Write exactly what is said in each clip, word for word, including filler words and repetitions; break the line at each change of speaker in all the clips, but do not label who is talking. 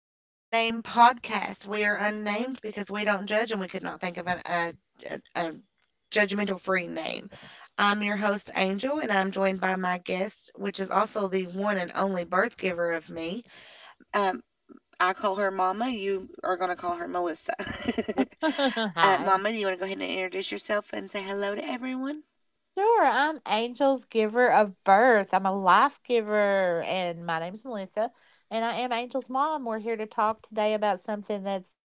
the Unnamed Podcast. We are unnamed because we don't judge and we could not think of an, a, a, a judgmental free name. I'm your host, Angel, and I'm joined by my guest, which is also the one and only birth giver of me. Um, I call her Mama. You are going to call her Melissa. uh,
好。
Mama, do you want to go ahead and introduce yourself and say hello to everyone?
Sure, I'm Angel's giver of birth. I'm a life giver, and my name's Melissa, and I am Angel's mom. We're here to talk today about something that's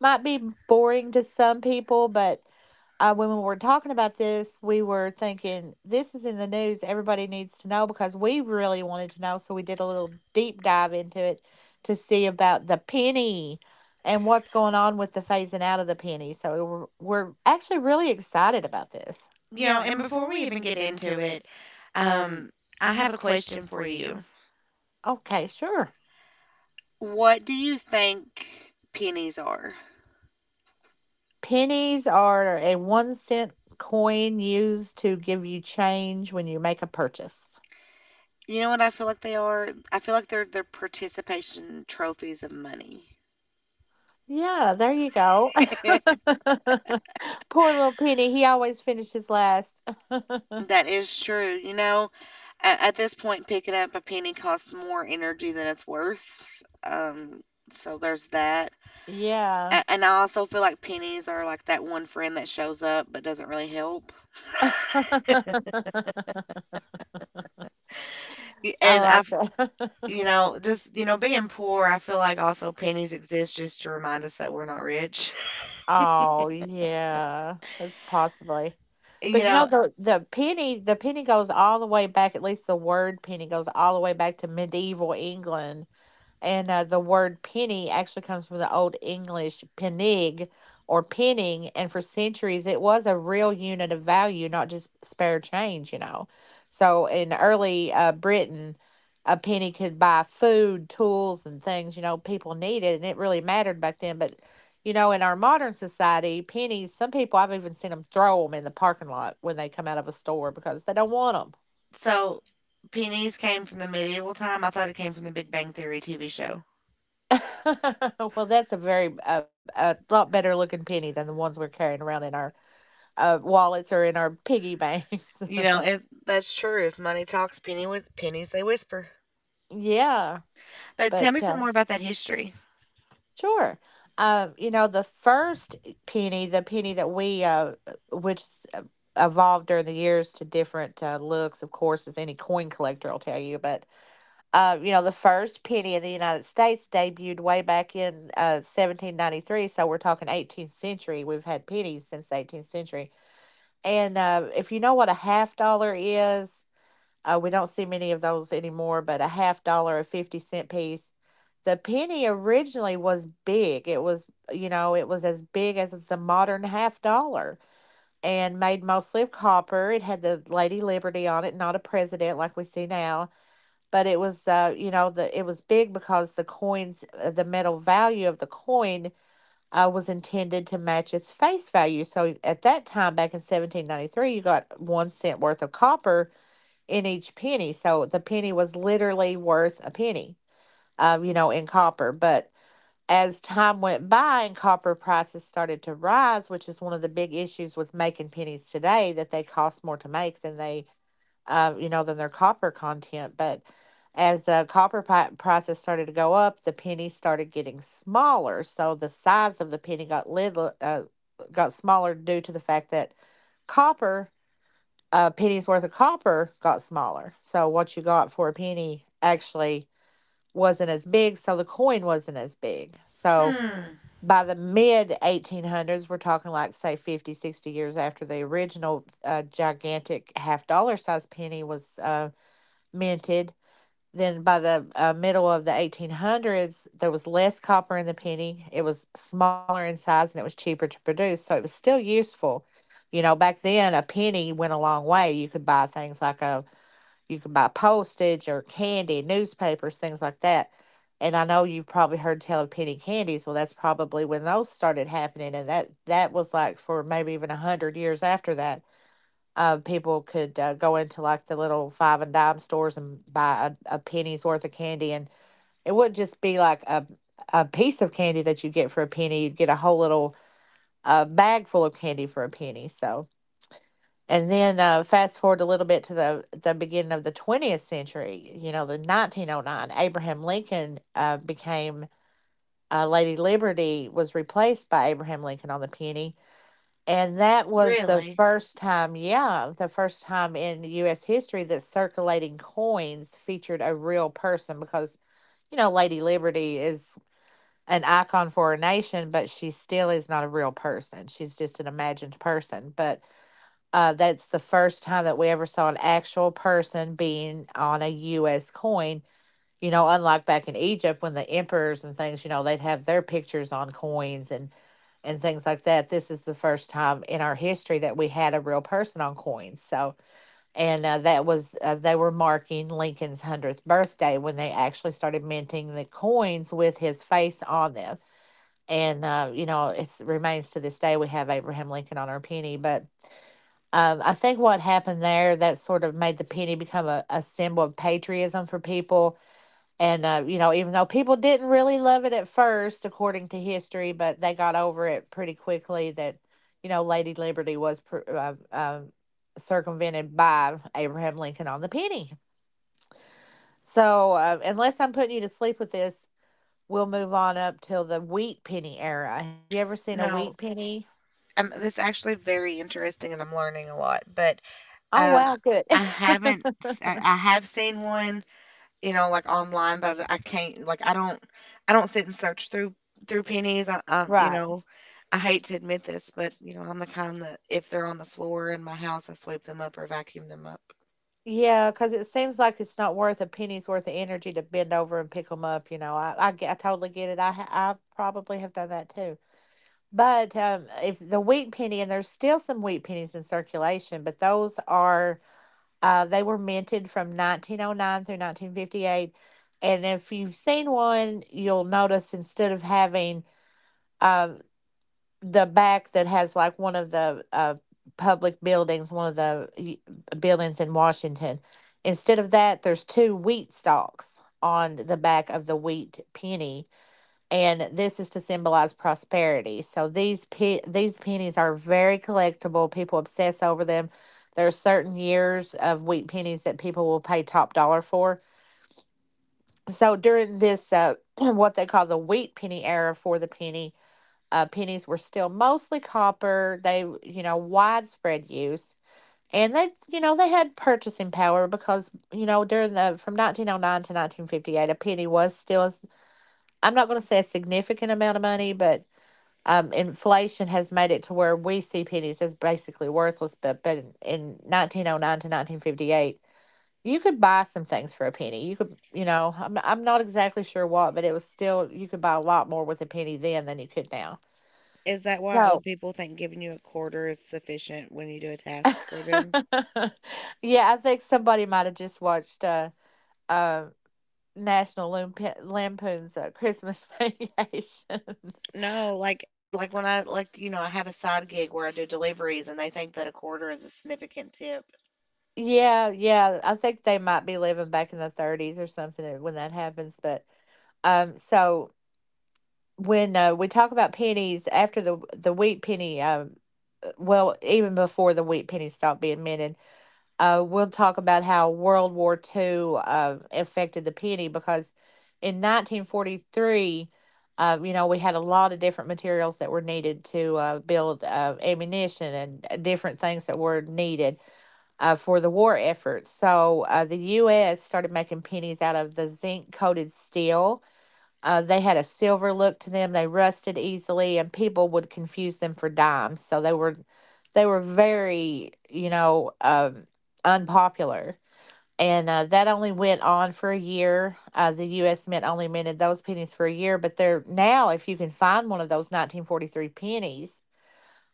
might be boring to some people, but uh, when we were talking about this, we were thinking this is in the news. Everybody needs to know because we really wanted to know. So we did a little deep dive into it to see about the penny and what's going on with the phasing out of the penny. So we're, we're actually really excited about this.
You know, and before we even get into it, um, I have a question for you.
Okay, sure.
What do you think pennies are?
Pennies are a one cent coin used to give you change when you make a purchase.
You know what I feel like they are? I feel like they're the participation trophies of money.
Yeah, there you go. Poor little Penny, he always finishes last.
That is true. You know, at, at this point, picking up a penny costs more energy than it's worth. Um, so there's that.
Yeah.
A- And I also feel like pennies are like that one friend that shows up but doesn't really help.
I
Y- And
like
I've,
that.
you know, just, you know, being poor, I feel like also pennies exist just to remind us that we're not rich.
Oh, yeah, that's possibly.
You
But you know
know,
the the penny the penny goes all the way back, at least the word penny goes all the way back to medieval England. And uh, the word penny actually comes from the Old English penig, or penning. And for centuries, it was a real unit of value, not just spare change, you know. So in early uh, Britain, a penny could buy food, tools, and things, you know, people needed. And it really mattered back then. But, you know, in our modern society, pennies, some people, I've even seen them throw them in the parking lot when they come out of a store because they don't want them.
so, pennies came from the medieval time. I thought it came from the Big Bang Theory T V show.
Well, that's a very uh, a lot better looking penny than the ones we're carrying around in our uh, wallets or in our piggy banks.
You know, if that's true, if money talks, penny with pennies they whisper.
Yeah,
But tell
but
me some
uh,
more about that history.
sure. Um, you know, the first penny, the penny that we, uh, which s- uh, evolved during the years to different uh, looks, of course, as any coin collector will tell you. But uh, you know, the first penny in the United States debuted way back in uh, seventeen ninety-three. So we're talking eighteenth century. We've had pennies since the eighteenth century. And uh, if you know what a half dollar is, uh, we don't see many of those anymore, but a half dollar, a fifty cent piece. The penny originally was big. It was, you know, it was as big as the modern half dollar and made mostly of copper. It had the Lady Liberty on it, not a president like we see now. But it was, uh, you know, the it was big because the coins, uh, the metal value of the coin uh, was intended to match its face value. So at that time, back in seventeen ninety-three, you got one cent worth of copper in each penny. So the penny was literally worth a penny, um, you know, in copper. But as time went by and copper prices started to rise, which is one of the big issues with making pennies today, that they cost more to make than they uh, you know, than their copper content. But as the copper pi- prices started to go up, the penny started getting smaller. So the size of the penny got little, uh, got smaller due to the fact that copper, a penny's worth of copper got smaller. So what you got for a penny actually wasn't as big. So the coin wasn't as big. So
Hmm,
by the mid eighteen hundreds, we're talking like, say, fifty, sixty years after the original uh, gigantic half dollar size penny was. Uh, minted. Then by the uh, middle of the eighteen hundreds, there was less copper in the penny. It was smaller in size and it was cheaper to produce. So it was still useful. You know, back then, a penny went a long way. You could buy things like a, you could buy postage or candy, newspapers, things like that. And I know you've probably heard tell of penny candies. Well, that's probably when those started happening. And that, that was like for maybe even a hundred years after that uh, people could uh, go into like the little five and dime stores and buy a, a penny's worth of candy, and it wouldn't just be like a a piece of candy that you get for a penny. You'd get a whole little uh, bag full of candy for a penny. So, and then uh, fast forward a little bit to the the beginning of the twentieth century. You know, the nineteen oh nine, Abraham Lincoln uh, became uh, Lady Liberty was replaced by Abraham Lincoln on the penny, and that was the
really?
first time, yeah, the first time in U S history that circulating coins featured a real person because, you know, Lady Liberty is an icon for a nation, but she still is not a real person. She's just an imagined person. But uh, that's the first time that we ever saw an actual person being on a U S coin. You know, unlike back in Egypt when the emperors and things, you know, they'd have their pictures on coins and and things like that. This is the first time in our history that we had a real person on coins. So, and uh, that was, uh, they were marking Lincoln's one hundredth birthday when they actually started minting the coins with his face on them. And, uh, you know, it remains to this day we have Abraham Lincoln on our penny. But um, I think what happened there that sort of made the penny become a, a symbol of patriotism for people and, uh, you know, even though people didn't really love it at first, according to history, but they got over it pretty quickly that, you know, Lady Liberty was pr- uh, um circumvented by Abraham Lincoln on the penny. So, uh, unless I'm putting you to sleep with this, we'll move on up till the wheat penny era. Have you ever seen a wheat
No,
penny?
um, this is actually very interesting, and I'm learning a lot. But
Oh,
um, I
wow, good.
I haven't. s- I I have seen one, you know, like online, but I can't like I don't I don't sit and search through through pennies. I, um, you
Right.
know, I hate to admit this, but you know, I'm the kind that if they're on the floor in my house, I sweep them up or vacuum them up.
Yeah, because it seems like it's not worth a penny's worth of energy to bend over and pick them up. You know, I, I, get- I totally get it. I, ha- I probably have done that too. But um, if the wheat penny, and there's still some wheat pennies in circulation, but those are uh, they were minted from nineteen oh nine through nineteen fifty-eight. And if you've seen one, you'll notice instead of having um, the back that has like one of the uh, public buildings, one of the buildings in Washington, instead of that, there's two wheat stalks on the back of the wheat penny, and this is to symbolize prosperity. So these pe- these pennies are very collectible. People obsess over them. There are certain years of wheat pennies that people will pay top dollar for. So during this, uh, what they call the wheat penny era for the penny, uh, pennies were still mostly copper. They, you know, widespread use, and they, you know, they had purchasing power because, you know, during the from nineteen oh nine to nineteen fifty-eight, a penny was still, I'm not going to say a significant amount of money, but um, inflation has made it to where we see pennies as basically worthless. But but in, nineteen oh nine to nineteen fifty-eight, you could buy some things for a penny. You could, you know, I'm I'm not exactly sure what, but it was still you could buy a lot more with a penny then than you could now.
Is that why old
So,
people think giving you a quarter is sufficient when you do a task for them?
yeah, I think somebody might have just watched uh, uh, National Lamp- Lampoon's uh, Christmas Vacation.
No, like like when I like you know, I have a side gig where I do deliveries and they think that a quarter is a significant tip.
Yeah, yeah. I think they might be living back in the thirties or something uh, when that happens, but. Um, so when uh, we talk about pennies after the the wheat penny, um, uh, well, even before the wheat penny stopped being minted, uh, we'll talk about how World War two uh, affected the penny because in nineteen forty-three, uh, you know, we had a lot of different materials that were needed to uh, build uh, ammunition and uh, different things that were needed uh, for the war efforts. So uh, the U S started making pennies out of the zinc coated steel. uh, they had a silver look to them. They rusted easily, and people would confuse them for dimes. So they were, they were very, you know, um, unpopular. And uh, that only went on for a year. Uh, the U S. Mint only minted those pennies for a year, but they're now, if you can find one of those nineteen forty-three pennies,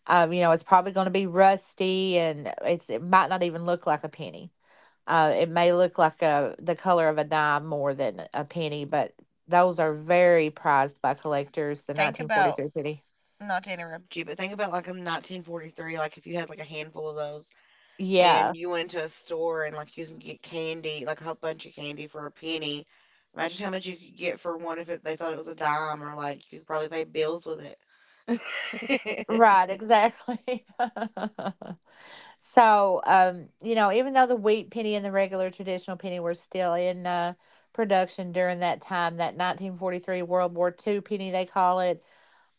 um, you know, it's probably going to be rusty, and it's it might not even look like a penny. uh, it may look like a the color of a dime more than a penny, but those are very prized by collectors. The
Think about,
nineteen forty-three penny.
not to interrupt you, but think about like in nineteen forty-three, like if you had like a handful of those and
Yeah,
you went to a store and like you can get candy, like a whole bunch of candy for a penny. Imagine how much you could get for one if it, they thought it was a dime, or like you could probably pay bills with it.
right, exactly. So, um, you know, even though the wheat penny and the regular traditional penny were still in uh, production during that time, that nineteen forty-three World War two penny, they call it.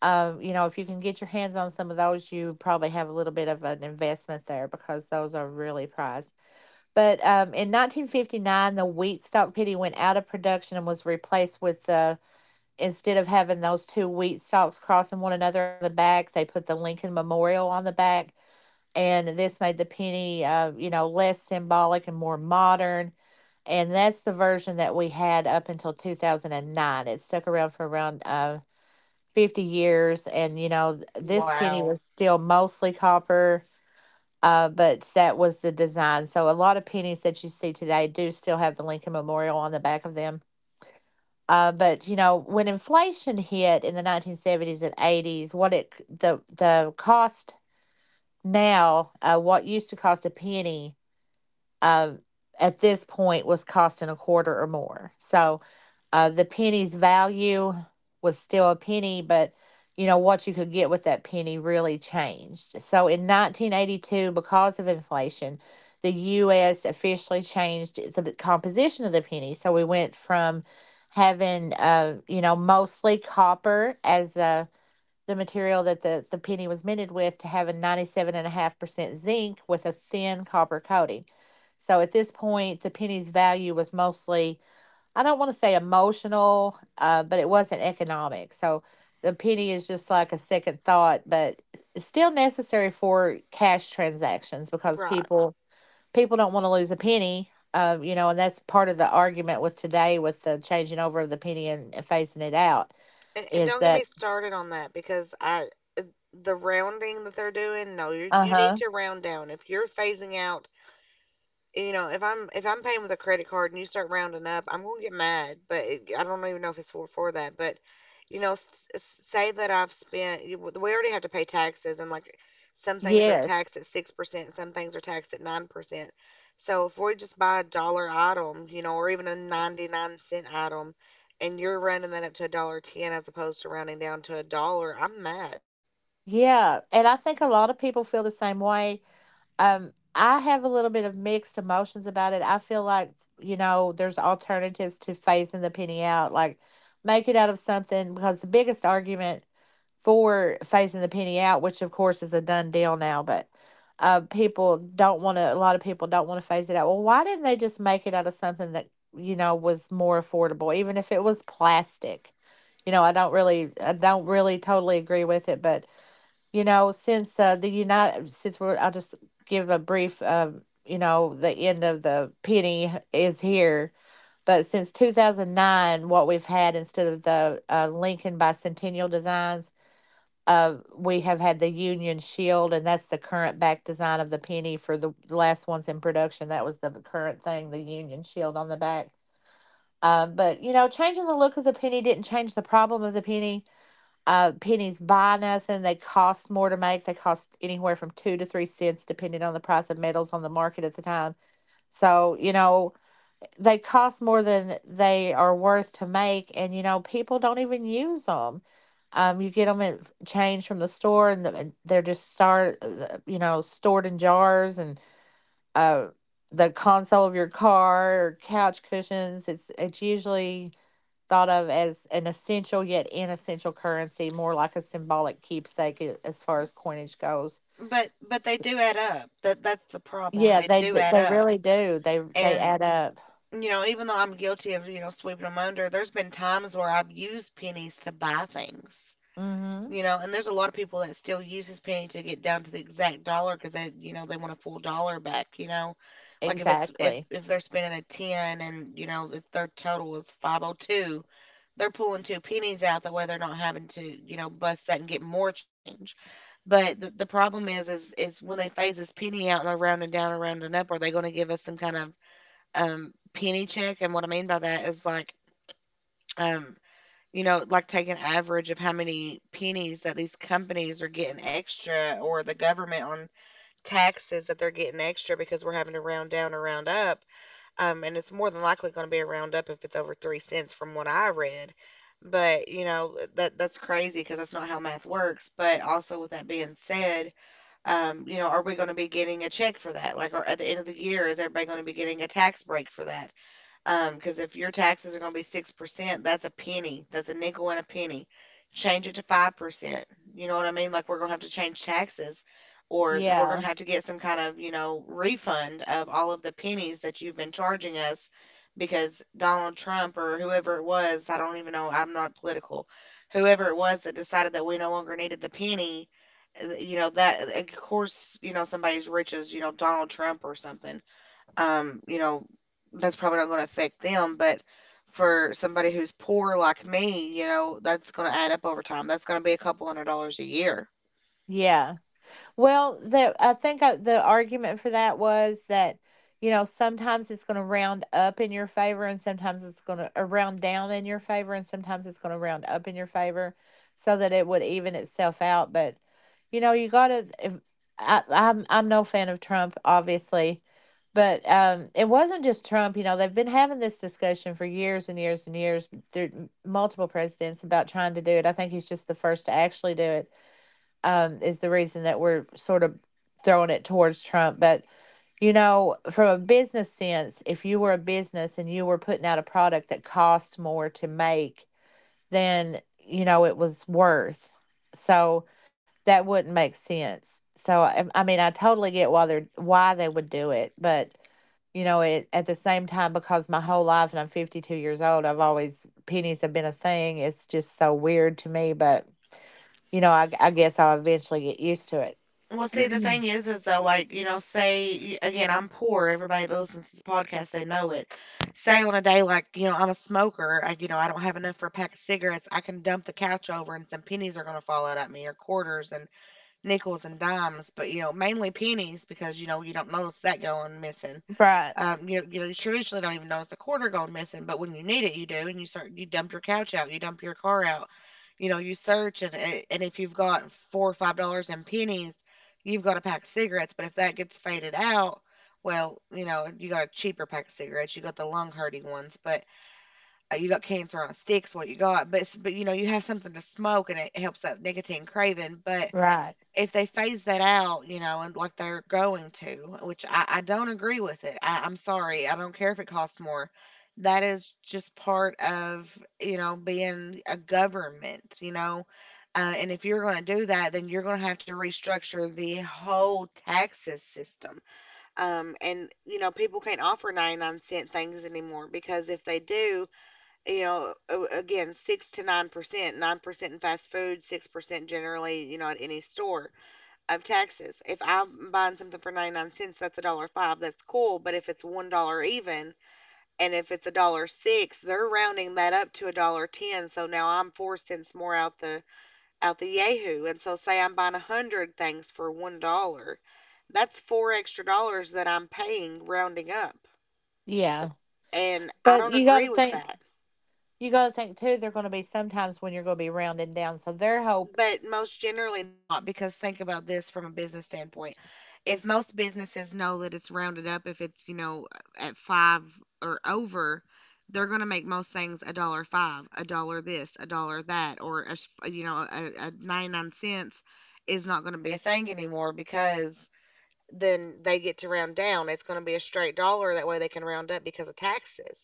um, you know, If you can get your hands on some of those, you probably have a little bit of an investment there because those are really prized. But um, in nineteen fifty-nine, the wheat stalk pity went out of production and was replaced with the, instead of having those two wheat stalks crossing one another on the back, they put the Lincoln Memorial on the back. And this made the penny, uh, you know, less symbolic and more modern. And that's the version that we had up until two thousand nine. It stuck around for around uh, fifty years. And, you know, this penny
Wow.
was still mostly copper, uh, but that was the design. So a lot of pennies that you see today do still have the Lincoln Memorial on the back of them. Uh, but you know, when inflation hit in the nineteen seventies and eighties, what it the the cost now, uh, what used to cost a penny, uh, at this point was costing a quarter or more. So uh, the penny's value was still a penny, but you know what you could get with that penny really changed. So in nineteen eighty-two, because of inflation, the U S officially changed the composition of the penny. So we went from having, uh, you know, mostly copper as uh, the material that the, the penny was minted with to having ninety-seven point five percent zinc with a thin copper coating. So at this point, the penny's value was mostly, I don't want to say emotional, uh, but it wasn't economic. So the penny is just like a second thought, but it's still necessary for cash transactions because
Right.
people people don't want to lose a penny. Um, you know, and that's part of the argument with today with the changing over of the penny and, and phasing it out
And, and
is
don't get
that.
me started on that because I, the rounding that they're doing, no, you
Uh
you need
huh
to round down. If you're phasing out, you know, if I'm if I'm paying with a credit card and you start rounding up, I'm gonna get mad. But it, I don't even know if it's for for that. But you know, s- s- say that I've spent. you- We already have to pay taxes, and like some things are
yes.
taxed at six percent, some things are taxed at nine percent. So if we just buy a dollar item, you know, or even a ninety-nine cent item, and you're running that up to a dollar ten as opposed to rounding down to a dollar, I'm mad.
Yeah, and I think a lot of people feel the same way. Um, I have a little bit of mixed emotions about it. I feel like, you know, there's alternatives to phasing the penny out, like make it out of something because the biggest argument for phasing the penny out, which of course is a done deal now, but uh, people don't want to, a lot of people don't want to phase it out. Well, why didn't they just make it out of something that, you know, was more affordable, even if it was plastic? You know, I don't really, I don't really totally agree with it, but you know, since uh, the United, since we're, I'll just give a brief, um, you know, the end of the penny is here. But since two thousand nine, what we've had instead of the uh, Lincoln Bicentennial designs, uh, we have had the Union Shield, and that's the current back design of the penny for the last ones in production. That was the current thing, the Union Shield on the back. Uh, but, you know, changing the look of the penny didn't change the problem of the penny. Uh, pennies buy nothing. They cost more to make. They cost anywhere from two to three cents, depending on the price of metals on the market at the time. So, you know, they cost more than they are worth to make. And, you know, people don't even use them. Um, you get them at change from the store, and, the, and they're just start, uh, you know, stored in jars and uh, the console of your car or couch cushions. It's it's usually thought of as an essential yet inessential currency, more like a symbolic keepsake a- as far as coinage goes.
But but they
S-
do add up. That that's the problem.
Yeah,
They
they
do
d-
add
they
up.
really do. They they
And
add up.
you know, even though I'm guilty of, you know, sweeping them under, there's been times where I've used pennies to buy things,
Mhm.
you know, and there's a lot of people that still use uses penny to get down to the exact dollar because they, you know, they want a full dollar back, you know, like if it's if
Exactly.
if they're spending a ten, and you know, if their total is five oh two, they're pulling two pennies out, that way they're not having to, you know, bust that and get more change. But the, the problem is is is when they phase this penny out and they're rounding down and rounding up, are they going to give us some kind of um penny check? And what I mean by that is like, um you know, like take an average of how many pennies that these companies are getting extra or the government on taxes that they're getting extra because we're having to round down or round up. um and it's more than likely going to be a round up if it's over three cents, from what I read. But you know, that that's crazy because that's not how math works. But also with that being said, um, you know, are we going to be getting a check for that? Like, are, at the end of the year, is everybody going to be getting a tax break for that? Um, because if your taxes are going to be six percent, that's a penny. That's a nickel and a penny. Change it to five percent. You know what I mean? Like we're going to have to change taxes, or we're going
Yeah.
to have to get some kind of, you know, refund of all of the pennies that you've been charging us, because Donald Trump or whoever it was, I don't even know, I'm not political, whoever it was that decided that we no longer needed the penny, uh, you know, that, of course, you know, somebody's rich as, you know, Donald Trump or something, um, you know, that's probably not going to affect them. But for somebody who's poor like me, you know, that's going to add up over time. That's going to be a couple hundred dollars a year.
Yeah. Well, the I think uh the argument for that was that, you know, sometimes it's going to round up in your favor and sometimes it's going to uh, round down in your favor and sometimes it's going to round up in your favor so that it would even itself out. But, you know, you got to, I, I'm, I'm no fan of Trump, obviously, but um, it wasn't just Trump. You know, they've been having this discussion for years and years and years through multiple presidents about trying to do it. I think he's just the first to actually do it, um, is the reason that we're sort of throwing it towards Trump. But, you know, from a business sense, if you were a business and you were putting out a product that cost more to make then you know, it was worth. So that wouldn't make sense. So, I, I mean, I totally get why they're, why they would do it, but you know, it at the same time because my whole life and I'm fifty-two years old, I've always pennies have been a thing. It's just so weird to me, but you know, I, I guess I'll eventually get used to it.
Well, see, the
Mhm.
thing is, is though, like, you know, say, y- again, I'm poor. Everybody that listens to this podcast, they know it. Say on a day like, you know, I'm a smoker, I, you know, I don't have enough for a pack of cigarettes. I can dump the couch over and some pennies are going to fall out at me, or quarters and nickels and dimes, but, you know, mainly pennies because, you know, you don't notice that going missing.
Right,
Um, you know, you know, you traditionally don't even notice a quarter going missing, but when you need it, you do, and you start, you dump your couch out, you dump your car out, you know, you search, and a- and if you've got four or five dollars in pennies, you've got a pack of cigarettes. But if that gets faded out, well, you know, you got a cheaper pack of cigarettes, you got the lung hurting ones, but uh, you got cancer on a stick's what you got. But s- but you know, you have something to smoke, and it helps that nicotine craving, but
right.
if they phase that out, you know, and like they're going to, which I, I don't agree with it. I, I'm sorry. I don't care if it costs more. That is just part of, you know, being a government, you know. Uh, and if you're going to do that, then you're going to have to restructure the whole taxes system. Um, and, you know, people can't offer ninety-nine cent things anymore because if they do, you know, a- again, six to nine percent, nine percent in fast food, six percent generally, you know, at any store of taxes. If I'm buying something for ninety-nine cents, that's a dollar five. That's cool. But if it's one dollar even, and if it's a dollar six, they're rounding that up to a dollar ten. So now I'm four cents more out the, out the yahoo. And so say I'm buying a hundred things for one dollar, that's four extra dollars that I'm paying rounding up.
Yeah.
And I
But
don't
you got to
agree with
think,
that.
you got to think too, there are going to be sometimes when you're going to be rounding down. So their whole.
But most generally not, because think about this from a business standpoint. If most businesses know that it's rounded up, if it's, you know, at five or over, they're going to make most things a dollar five, a dollar this, a dollar that, or a, sh- you know, a, a ninety-nine cents is not going to be a thing anymore, because then they get to round down. It's going to be a straight dollar. That way they can round up because of taxes.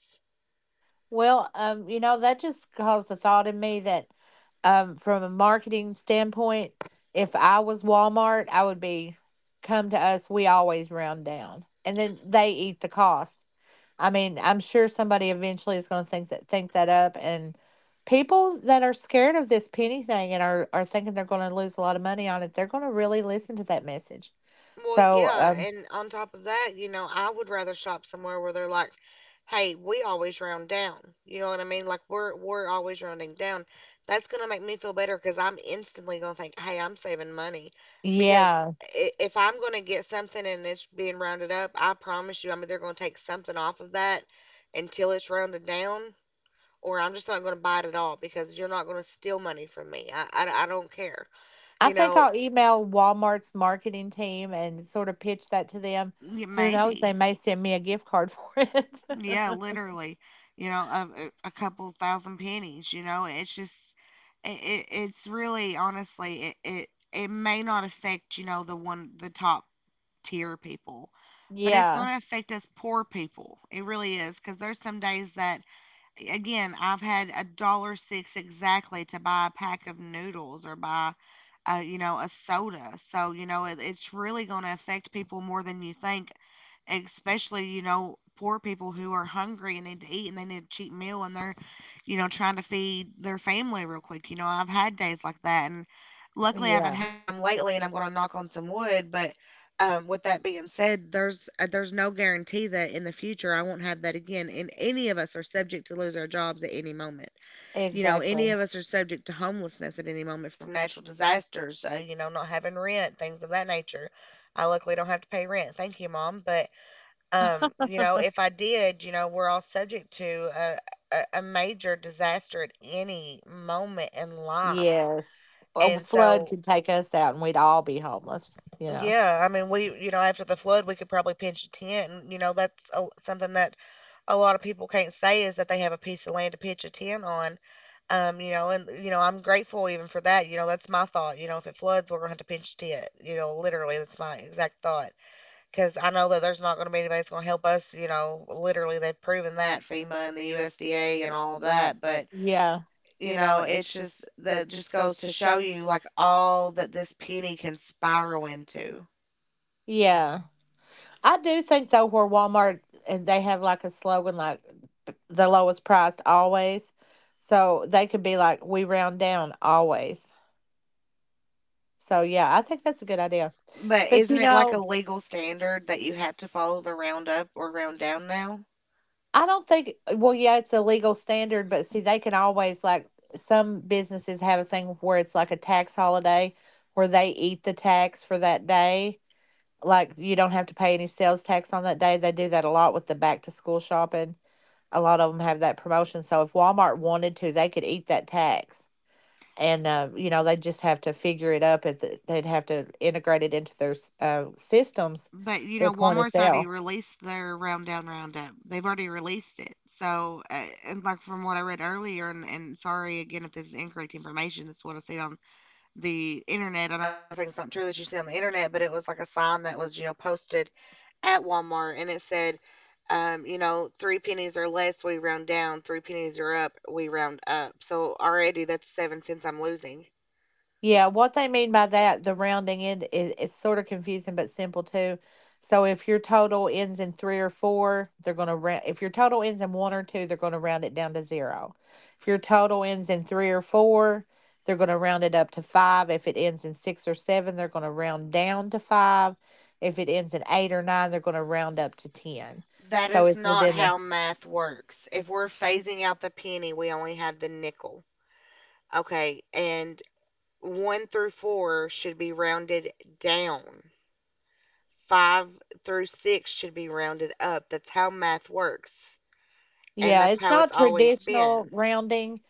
Well, um, you know, that just caused a thought in me that, um, from a marketing standpoint, if I was Walmart, I would be, come to us, we always round down. And then they eat the cost. I mean, I'm sure somebody eventually is going to think that think that up, and people that are scared of this penny thing and are are thinking they're going to lose a lot of money on it, they're going to really listen to that message.
Well,
So,
yeah,
um,
and on top of that, you know, I would rather shop somewhere where they're like, "Hey, we always round down." You know what I mean? Like we're we're always rounding down. That's gonna make me feel better because I'm instantly gonna think, "Hey, I'm saving money," because
yeah,
i- if I'm gonna get something and it's being rounded up, I promise you, I'm either gonna take something off of that until it's rounded down, or I'm just not gonna buy it at all because you're not gonna steal money from me. I I, I don't care.
I
You
think
know,
I'll email Walmart's marketing team and sort of pitch that to them.
yeah,
Who knows? They
maybe.
may send me a gift card for it.
Yeah, literally, you know, a, a a couple thousand pennies, you know, it's just, it, it, it's really, honestly, it, it, it may not affect, you know, the one, the top tier people, but it's
Yeah,
going to affect us poor people. It really is, because there's some days that, again, I've had a dollar six exactly to buy a pack of noodles or buy, uh, you know, a soda. So, you know, it, it's really going to affect people more than you think, especially, you know, poor people who are hungry and need to eat and they need a cheap meal and they're, you know, trying to feed their family real quick. You know, I've had days like that and luckily I haven't
yeah,
had them lately and I'm going to knock on some wood, but um, with that being said, there's uh, there's no guarantee that in the future I won't have that again. And any of us are subject to lose our jobs at any moment. You know, any
exactly.
of us are subject to homelessness at any moment from natural disasters. Uh, you know, not having rent, things of that nature. I luckily don't have to pay rent. Thank you, mom. But um, you know, if I did, you know, we're all subject to a, a, a major disaster at any moment in life.
Yes. A
And
flood
so,
could take us out and we'd all be homeless, you know.
yeah, I mean, we, you know, after the flood, we could probably pinch a tent. And, you know, that's a, something that a lot of people can't say is that they have a piece of land to pitch a tent on. Um, you know, and, you know, I'm grateful even for that. You know, that's my thought. You know, if it floods, we're going to have to pinch a tent. You know, literally, that's my exact thought, because I know that there's not going to be anybody that's going to help us. You know, literally, they've proven that, FEMA and the U S D A and all of that. But
Yeah,
you know, it's just, that just goes to show you like all that this penny can spiral into.
yeah. I do think though where Walmart and they have like a slogan like the lowest priced always. So they could be like we round down always. So yeah, I think that's a good idea.
But
But
isn't
you
it like a
know,
legal standard that you have to follow the round up or round down now?
I don't think, uh, well, yeah, it's a legal standard, but see, they can always like some businesses have a thing where it's like a tax holiday where they eat the tax for that day. Like you don't have to pay any sales tax on that day. They do that a lot with the back to school shopping. A lot of them have that promotion. So if Walmart wanted to, they could eat that tax. And, uh, you know, they just have to figure it up. At the, they'd have to integrate it into their uh, systems,
But you
their
know,
point of
Walmart's already
sale.
released their round down roundup. They've already released it. So, uh, and like from what I read earlier, and, and sorry again if this is incorrect information, this is what I seen on the internet. I know everything's not true that you see on the internet, but it was like a sign that was, you know, posted at Walmart and it said, um, you know, three pennies or less, we round down. Three pennies or up, we round up. So already that's seven cents I'm losing.
Yeah, what they mean by that, the rounding end is, is sort of confusing but simple too. So if your total ends in three or four, they're going to round. If your total ends in one or two, they're going to round it down to zero. If your total ends in three or four, they're going to round it up to five. If it ends in six or seven, they're going to round down to five. If it ends in eight or nine, they're going to round up to ten.
That
So
is
it's
not
within
how
the,
math works. If we're phasing out the penny, we only have the nickel. Okay. And one through four should be rounded down, five through six should be rounded up. That's how math works. And
yeah.
that's
It's
how it's
not
always
traditional
been.
rounding.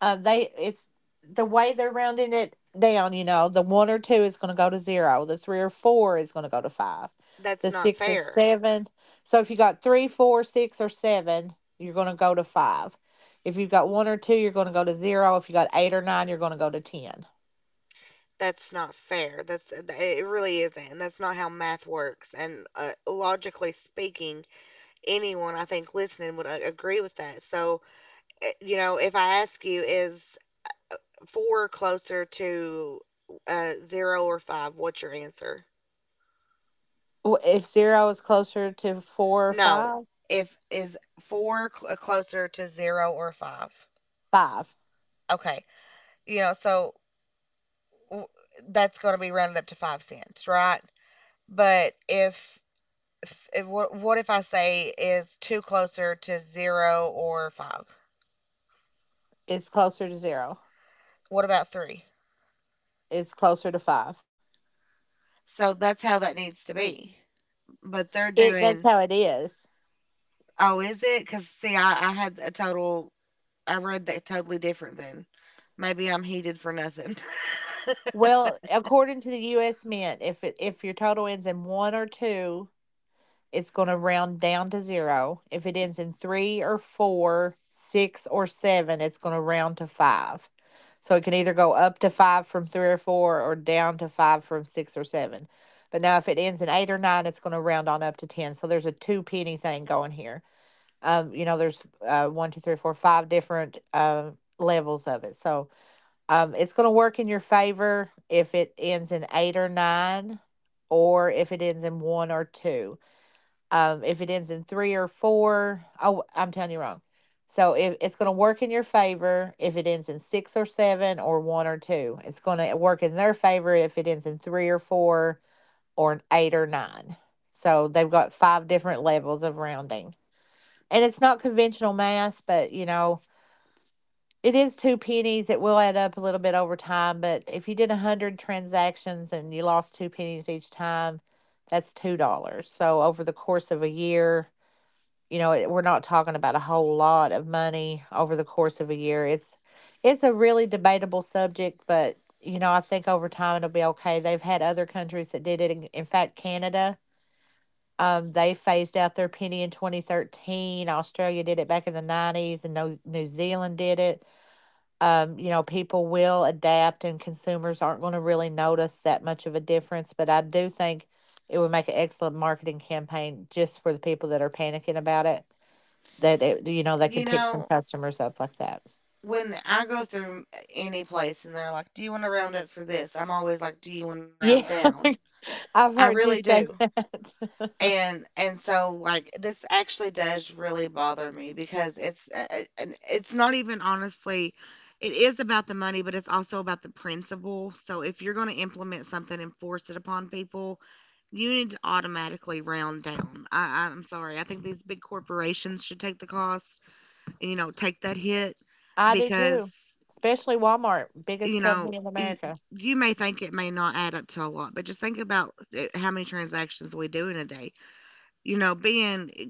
Uh, they it's the way they're rounding it down. You know, the one or two is going to go to zero. The three or four is going to go to five.
That's
The
not
six or
fair.
seven. So if you got three, four, six, or seven, you're going to go to five. If you've got one or two, you're going to go to zero. If you got eight or nine, you're going to go to ten.
That's not fair. That's, it really isn't. And that's not how math works. And uh, logically speaking, anyone I think listening would uh, agree with that. So, uh, you know, if I ask you, is four closer to uh, zero or five? What's your answer?
W- If zero is closer to four or
No.
five,
If is four cl- uh, Closer to zero or five?
five.
Okay. You know, so w- that's going to be rounded up to five cents, right? But if, if what what if I say, is two closer to zero or five?
It's closer to zero.
What about three?
It's closer to five.
So that's how that needs to be. But they're
It that's
doing,
how it is.
oh, is it? Because see, I, I had a total, I read that totally different then. Maybe I'm heated for nothing.
Well, according to the U S Mint, if it, if your total ends in one or two, it's going to round down to zero. If it ends in three or four, six or seven, it's going to round to five. So it can either go up to five from three or four or down to five from six or seven. But now if it ends in eight or nine, it's going to round on up to ten. So there's a two penny thing going here. Um, you know, there's uh, one, two, three, four, five different uh, levels of it. So, um, it's going to work in your favor if it ends in eight or nine, or if it ends in one or two. Um, if it ends in three or four, oh, I'm telling you wrong. So if it's going to work in your favor if it ends in six or seven or one or two. It's going to work in their favor if it ends in three or four or eight or nine. So they've got five different levels of rounding. And it's not conventional math, but you know, it is two pennies. It will add up a little bit over time, but if you did one hundred transactions and you lost two pennies each time, that's two dollars. Dollars. So over the course of a year, you know, we're not talking about a whole lot of money over the course of a year. It's it's a really debatable subject, but you know, I think over time it'll be okay. They've had other countries that did it. In, in fact, Canada, um, they phased out their penny in twenty thirteen. Australia did it back in the nineties, and New Zealand did it. Um, you know, people will adapt and consumers aren't going to really notice that much of a difference. But I do think it would make an excellent marketing campaign just for the people that are panicking about it. That it, you know they
You
could pick some
know,
customers up like that.
when I go through any place and they're like, do you want to round up for this? I'm always like, do you want to round
Yeah.
down?
I've
I
heard
really
you say
do.
that.
And and so like this actually does really bother me because it's uh, uh, and it's not even honestly, it is about the money, but it's also about the principle. So if you're going to implement something and force it upon people, you need to automatically round down. I, I- I'm sorry. I think these big corporations should take the cost and, you know, take that hit
I do
because,
too, especially Walmart, biggest
you know,
company in
y-
America.
you may think it may not add up to a lot, but just think about it: how many transactions we do in a day. You know, being i-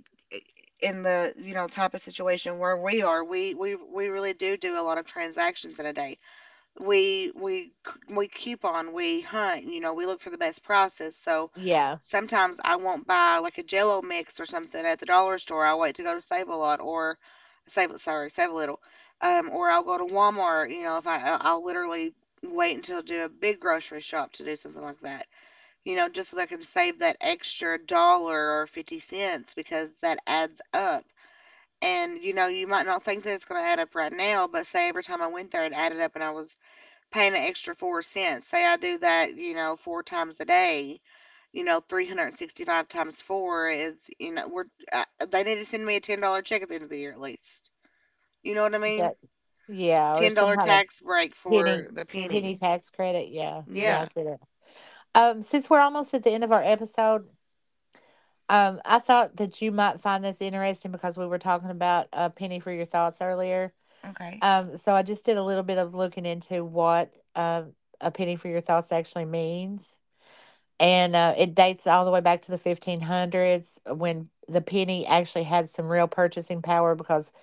in the, you know, type of situation where we are, we we we really do do a lot of transactions in a day. We we c- we coupon, we hunt, you know, we look for the best prices. So
Yeah,
sometimes I won't buy like a Jello mix or something at the dollar store. I wait to go to Save a Lot or Save sorry Save a Little, um, or I'll go to Walmart. You know, if I I- I'll literally wait until do a big grocery shop to do something like that, you know, just so they can save that extra dollar or fifty cents because that adds up. And, you know, you might not think that it's going to add up right now, but say every time I went there, it added up and I was paying an extra four cents. Say I do that, you know, four times a day, you know, three hundred sixty-five times four is, you know, we're, uh, they need to send me a ten dollar check at the end of the year at least. You know what I
that,
mean?
yeah, or some
ten dollar
kind of
tax break
penny
for the
penny
penny.
tax credit. Yeah, yeah,
Yeah.
I get it. Um, since we're almost at the end of our episode, Um, I thought that you might find this interesting because we were talking about a penny for your thoughts earlier.
Okay.
Um, so I just did a little bit of looking into what uh, a penny for your thoughts actually means. And uh, it dates all the way back to the fifteen hundreds when the penny actually had some real purchasing power because,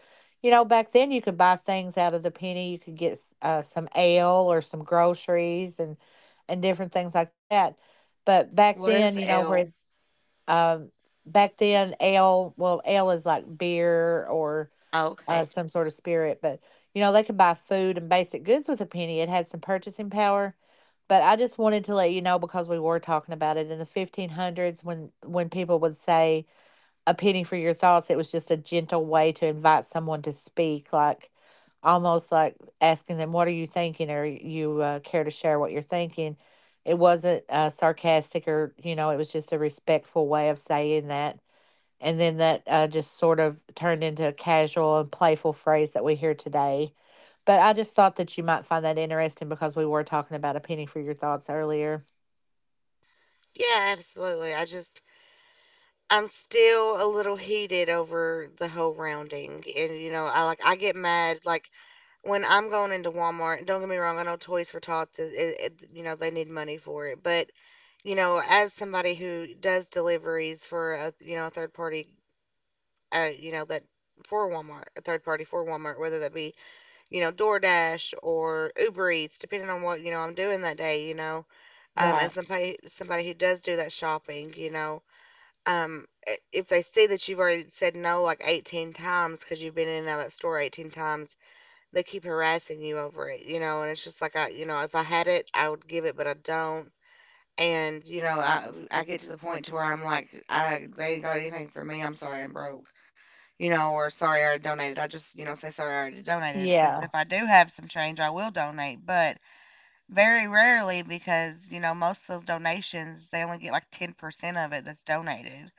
you know, back then you could buy things out of the penny. You could get uh, some ale or some groceries and, and different things like that. But back
What is
then, you know,
L?
where um, back then, ale, well, ale is like beer or uh,
Okay.
some sort of spirit, but you know, they could buy food and basic goods with a penny. It had some purchasing power. But I just wanted to let you know because we were talking about it in the fifteen hundreds when when people would say, a penny for your thoughts. It was just a gentle way to invite someone to speak, like almost like asking them, "What are you thinking?" Or you, uh, care to share what you're thinking. It wasn't uh, sarcastic or, you know, it was just a respectful way of saying that. And then that, uh, just sort of turned into a casual and playful phrase that we hear today. But I just thought that you might find that interesting because we were talking about a penny for your thoughts earlier.
Yeah, absolutely. I just, I'm still a little heated over the whole rounding, and you know, I like, I get mad like when I'm going into Walmart. Don't get me wrong, I know Toys for Tots, is- it, it, you know, they need money for it, but you know, as somebody who does deliveries for a, you know, a third party, uh, you know, that for Walmart, a third party for Walmart, whether that be, you know, DoorDash or Uber Eats, depending on what, you know, I'm doing that day, you know, um, as
Right.
somebody somebody who does do that shopping, you know. Um, I If they see that you've already said no like eighteen times because you've been in and out of that store eighteen times, they keep harassing you over it, you know. And it's just like, I, you know, if I had it, I would give it, but I don't. And you know, I I get to the point to where I'm like, I they ain't got anything for me. I'm sorry, I'm broke, you know, or sorry, I already donated. I just, you know, say sorry, I already donated because
Yeah.
if I do have some change, I will donate, but very rarely because you know most of those donations they only get like ten percent of it that's donated,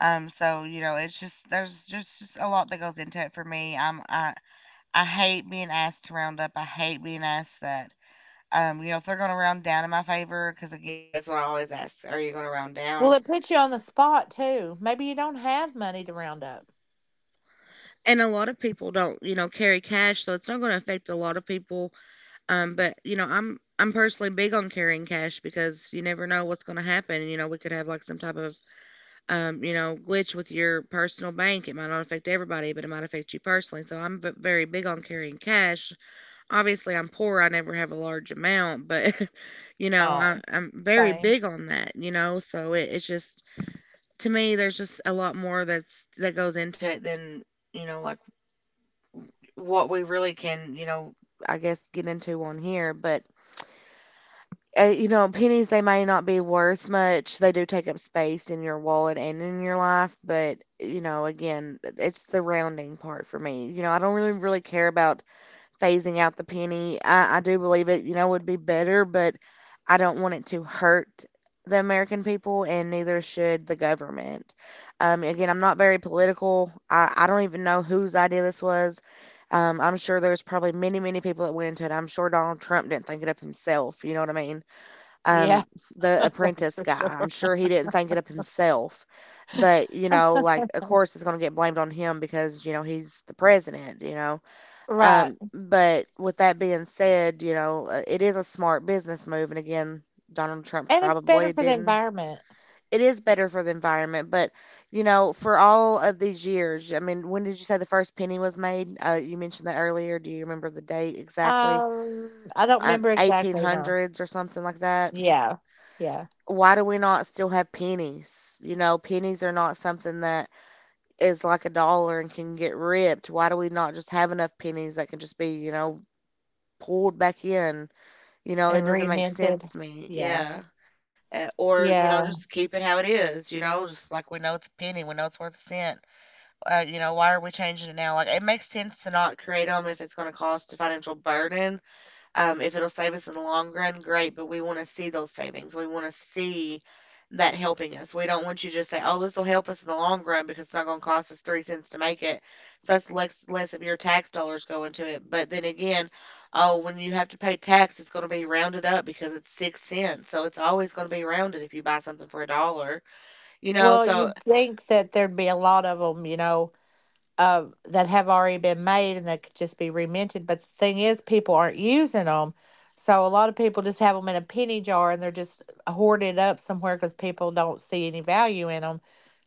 um, so you know, it's just there's just just a lot that goes into it for me. I'm I I hate being asked to round up. I hate being asked that. Um, you know, if they're going to round down in my favor, because again, that's what I always ask: are you going to round down?
Well, it puts you on the spot too. Maybe you don't have money to round up.
And a lot of people don't, you know, carry cash, so it's not going to affect a lot of people. Um, but you know, I'm I'm personally big on carrying cash because you never know what's going to happen. You know, we could have like some type of, um, you know, glitch with your personal bank. It might not affect everybody, but it might affect you personally. So I'm v- very big on carrying cash. Obviously I'm poor, I never have a large amount, but you know, I,
Oh,
I'm very
same.
big on that, you know, so it, it's just, to me there's just a lot more that's that goes into it than, you know, like what we really can, you know, I guess get into on here, but uh, you know, pennies, they may not be worth much. They do take up space in your wallet and in your life, but you know, again, it's the rounding part for me. You know, I don't really really care about phasing out the penny. I, I do believe it, you know, would be better, but I don't want it to hurt the American people, and neither should the government. Um, again, I'm not very political. I, I don't even know whose idea this was. Um, I'm sure there's probably many, many people that went into it. I'm sure Donald Trump didn't think it up himself. You know what I mean?
Yeah,
Um, the
that's
apprentice
for
guy, I'm
sure.
sure he didn't think it up himself. But, you know, like, of course, it's going to get blamed on him because, you know, he's the president, you know?
Right.
Um, but with that being said, you know, uh, it is a smart business move. And again, Donald Trump
And it's better
probably
for the
didn't.
environment.
It is better for the environment, but you know, for all of these years, I mean, when did you say the first penny was made? Uh, you mentioned that earlier. Do you remember the date exactly?
Um, I don't
Uh,
remember
Eighteen
exactly, no.
hundreds or something like that.
Yeah. Yeah.
Why do we not still have pennies? You know, pennies are not something that is like a dollar and can get ripped. Why do we not just have enough pennies that can just be, you know, pulled back in. You know, it
And
doesn't make sense
reinvented.
to me.
Yeah.
Yeah. Uh, or, you know,
Yeah.
just keep it how it is, you know, just like we know it's a penny, we know it's worth a cent. Uh, you know, why are we changing it now? Like, it makes sense to not create them if it's going to cost a financial burden, um, if it'll save us in the long run, great, but we want to see those savings. We want to see that helping us. We don't want you to just say, oh, this will help us in the long run because it's not going to cost us three cents to make it. So that's less, less of your tax dollars going to it. But then again, oh, when you have to pay tax, it's going to be rounded up because it's six cents. So it's always going to be rounded if you buy something for a dollar, you know?
Well,
So,
you'd think that there'd be a lot of them, you know? Uh, that have already been made and that could just be reminted. But the thing is, people aren't using them. So a lot of people just have them in a penny jar and they're just uh, hoarded up somewhere because people don't see any value in them.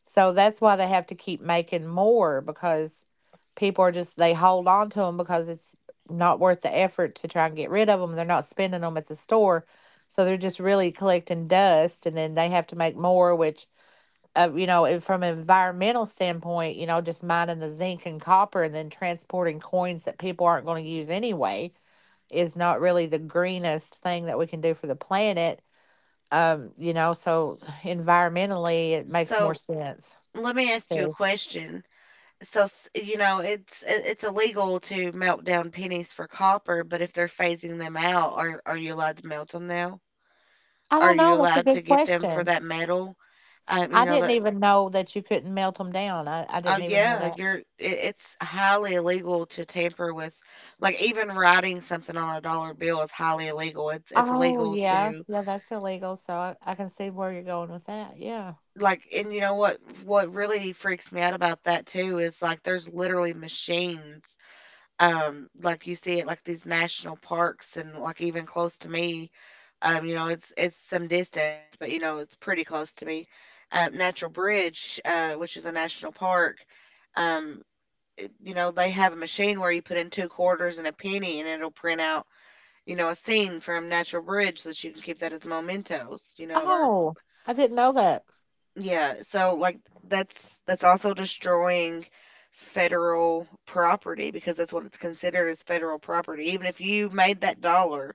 So that's why they have to keep making more because people are just, they hold on to them because it's not worth the effort to try and get rid of them. They're not spending them at the store. So they're just really collecting dust and then they have to make more, which uh, you know, from an environmental standpoint, you know, just mining the zinc and copper and then transporting coins that people aren't going to use anyway is not really the greenest thing that we can do for the planet. Um, you know, so environmentally, it makes more
so
sense
let me ask you a
too.
question. So, s- you know, it's it- it's illegal to melt down pennies for copper, but if they're phasing them out, are are you allowed to melt them now?
I
Are
don't
you
know. That's a
allowed
good
to get them for
question.
that metal? Um, you
I
know
didn't
that.
even know that you couldn't melt them down. I, I
Oh
didn't even know
yeah,
that.
you're. It, it's highly illegal to tamper with, like even writing something on a dollar bill is highly illegal. It's it's
Oh,
illegal
yeah.
to,
Yeah, that's illegal. So I, I can see where you're going with that. Yeah.
like, and you know what? What really freaks me out about that too is like there's literally machines, um like you see it like these national parks and like even close to me, um you know it's it's some distance but you know it's pretty close to me. Uh, natural Bridge, uh which is a national park. um it- you know, they have a machine where you put in two quarters and a penny and it'll print out, you know, a scene from Natural Bridge so that you can keep that as mementos, you know. Or
Oh, I didn't know that.
yeah, so like that's that's also destroying federal property because that's what it's considered as, federal property. Even if you made that dollar,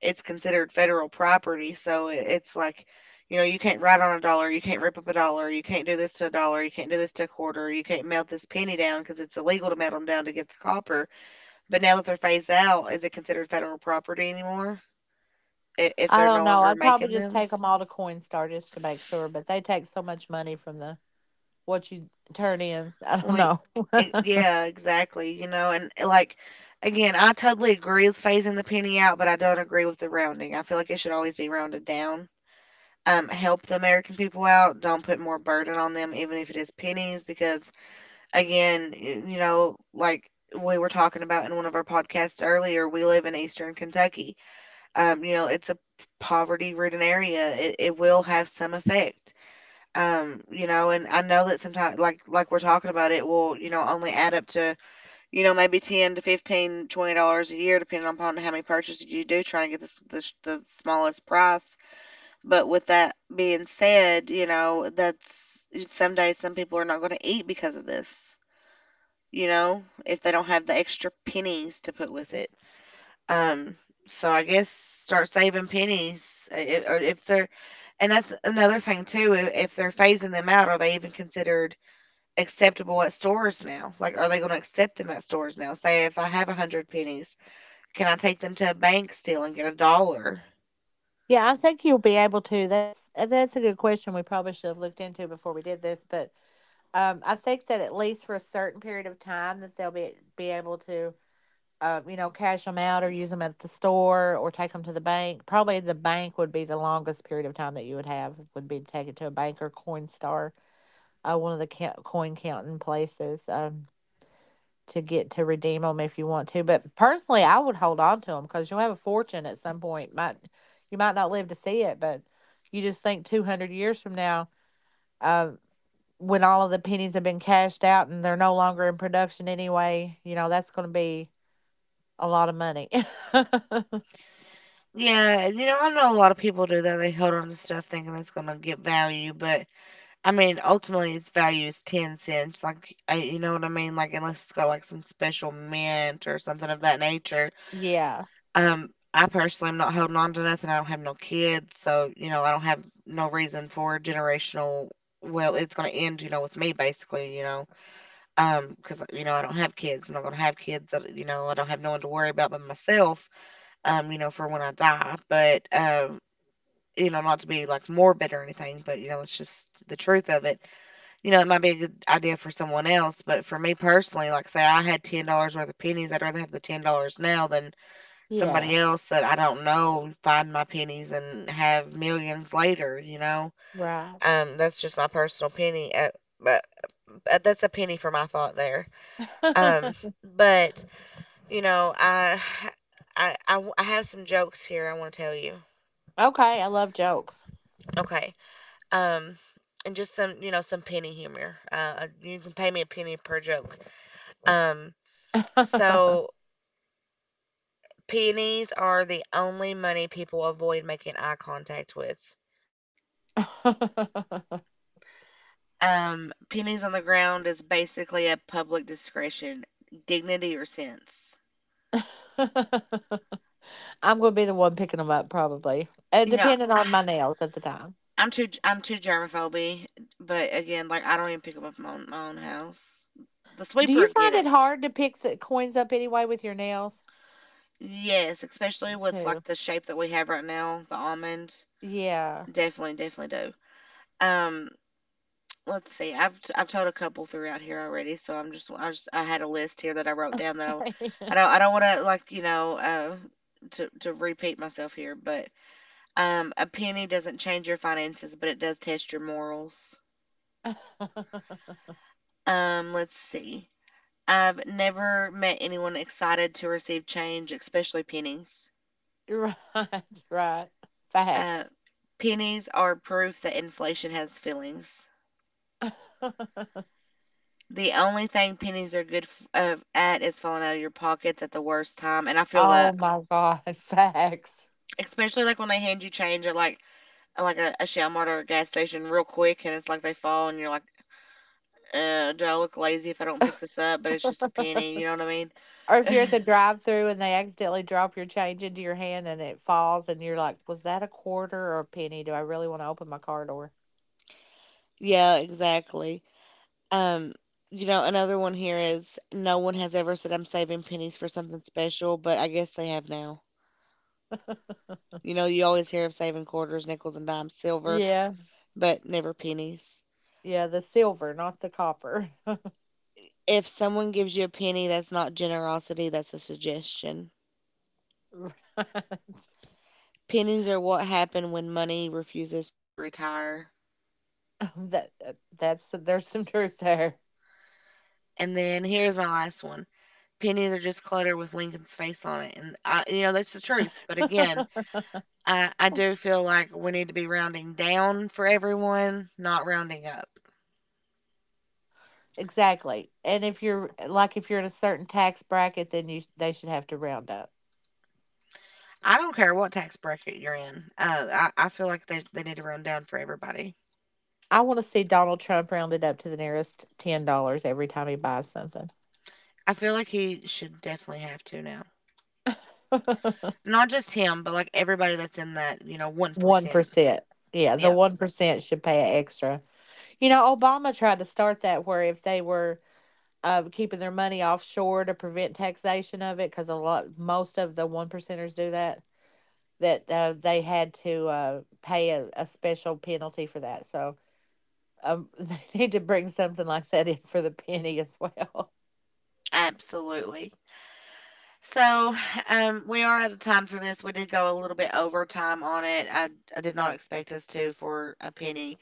it's considered federal property. So it, it's like, you know, you can't write on a dollar, you can't rip up a dollar, you can't do this to a dollar, you can't do this to a quarter, you can't melt this penny down because it's illegal to melt them down to get the copper. But now that they're phased out, is it considered federal property anymore i- if
I
they're
don't
no
know.
longer
I'd probably
making
just
them?
take them all to Coinstar just to make sure, but they take so much money from the what you turn in. I don't
Well,
know.
it, yeah, exactly. You know, and eh, like, again, I totally agree with phasing the penny out, but I don't agree with the rounding. I feel like it should always be rounded down. Um, help the American people out. Don't put more burden on them, even if it is pennies, because again, y- you know, like we were talking about in one of our podcasts earlier, we live in Eastern Kentucky. Um, you know, it's a poverty-ridden area. It, it will have some effect. Um, you know, and I know that sometimes, like like we're talking about, it will, you know, only add up to, you know, maybe ten to fifteen, twenty dollars a year, depending upon how many purchases you do, trying to get this the, s- the smallest price. But with that being said, you know, that's some days some people are not going to eat because of this, you know, if they don't have the extra pennies to put with it. Um, so I guess start saving pennies, uh, i- or if they're, and that's another thing too. i- If they're phasing them out, are they even considered acceptable at stores now? Like, are they going to accept them at stores now? Say, if I have a hundred pennies, can I take them to a bank still and get a dollar?
Yeah, I think you'll be able to. That's uh, that's a good question. We probably should have looked into before we did this, but um, I think that at least for a certain period of time that they'll be be able to, uh, you know, cash them out or use them at the store or take them to the bank. Probably the bank would be the longest period of time that you would have would be to take it to a bank or Coinstar, uh, one of the ca- coin counting places. Um, to get to redeem them if you want to. But personally, I would hold on to them because you'll have a fortune at some point. Might you might not live to see it, but you just think two hundred years from now, uh, when all of the pennies have been cashed out and they're no longer in production anyway, you know that's going to be a lot of money.
Yeah, and you know, I know a lot of people do that. They hold on to stuff thinking that's going to get value, but I mean, ultimately, its value is ten cents. Like, I, you know what I mean? Like, unless it's got like some special mint or something of that nature.
Yeah,
Um, I personally am not holding on to nothing. I don't have no kids, so, you know, I don't have no reason for generational. Well, it's going to end, you know, with me basically, you know. um 'cause because you know I don't have kids, I'm not going to have kids, that, you know, I don't have no one to worry about but myself, um you know, for when I die. But um you know, not to be like morbid or anything, but you know it's just the truth of it. You know, it might be a good idea for someone else, but for me personally, like say I had ten dollars worth of pennies, I'd rather have the ten dollars now than somebody
yeah,
else that I don't know find my pennies and have millions later, you know.
right.
Um that's just my personal penny, uh, but but that's a penny for my thought there. um but you know, I, I, I, w- I have some jokes here I want to tell you.
Okay, I love jokes.
Okay. Um, and just some, you know, some penny humor. Uh, you can pay me a penny per joke. Um, so pennies are the only money people avoid making eye contact with. Um, pennies on the ground is basically a public discretion, dignity or sense.
I'm gonna be the one picking them up probably, uh,
You know,
depending on
I-
my nails at the time.
I'm too I'm too germaphobe, but again, like I don't even pick them up my own, my own house. The
Do
sweeper
you
would
find
get.
it hard to pick the coins up anyway with your nails?
Yes, especially
Me
with like
too.
the shape that we have right now, the almond.
Yeah.
Definitely, definitely do. Um, let's see. I've t- I've told a couple throughout here already, so I'm just I just I had a list here that I wrote down that I
Right.
I don't I don't want to, like, you know, uh to to repeat myself here, but um a penny doesn't change your finances, but it does test your morals. Um, let's see. I've never met anyone excited to receive change, especially pennies.
Right. Facts.
Uh, Pennies are proof that inflation has feelings. The only thing pennies are good f- uh, at is falling out of your pockets at the worst time, and I feel
Oh
that,
my god. Facts.
especially like when they hand you change at like like a, a Walmart or a gas station real quick, and it's like they fall, and you're like, uh, do I look lazy if I don't pick this up? But it's just a penny, you
Or
know what I mean?
if you're at the drive-through and they accidentally drop your change into your hand and it falls, and you're like, "Was that a quarter or a penny? Do I really want to open my car door?"
Yeah, exactly. Um, you know, another one here is, no one has ever said I'm saving pennies for something special, but I guess they have now. You know, you always hear of saving quarters, nickels, and dimes, silver,
Yeah.
but never pennies.
Yeah, the silver, not the copper.
If someone gives you a penny, that's not generosity, that's a suggestion.
Right.
Pennies are what happen when money refuses to retire.
that uh, that's there's some truth there.
And then here's my last one. Pennies are just clutter with Lincoln's face on it. And I, you know, that's the truth. But again, I, I do feel like we need to be rounding down for everyone, not rounding up.
Exactly. And if you're uh, like if you're in a certain tax bracket, then you they should have to round up.
I don't care what tax bracket you're in. Uh, I, I feel like they, they need to round down for everybody.
I want to see Donald Trump rounded up to the nearest ten dollars every time he buys something.
I feel like he should definitely have to now. Not just him, but like everybody that's in that, you know,
One
one percent.
percent. Yeah, the
Yep,
one percent should pay an extra. You know, Obama tried to start that where if they were of keeping their money offshore to prevent taxation of it because a lot most of the one percenters do that that, uh, they had to, uh, pay a, a special penalty for that, so um, they need to bring something like that in for the penny as well.
absolutely. So, um, we are out of time for this. We did go a little bit over time on it. I, I did not expect us to for a penny.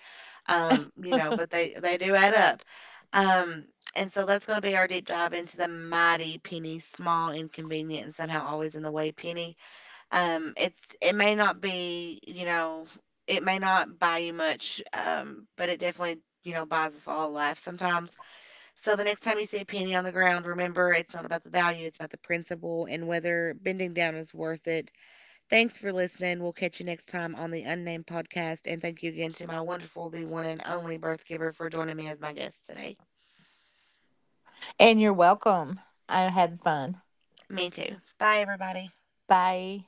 Um, you know, but they they do add up. Um, and so that's going to be our deep dive into the mighty penny, small, inconvenient, and somehow always in the way penny. Um, it's it may not be, you know, it may not buy you much, um, but it definitely, you know, buys us all a life sometimes. So the next time you see a penny on the ground, remember it's not about the value, it's about the principle and whether bending down is worth it. Thanks for listening. We'll catch you next time on the Unnamed Podcast, and thank you again to my wonderful, the one and only birth giver for joining me as my guest today.
And you're welcome. I had fun.
Me too. Bye, everybody.
Bye.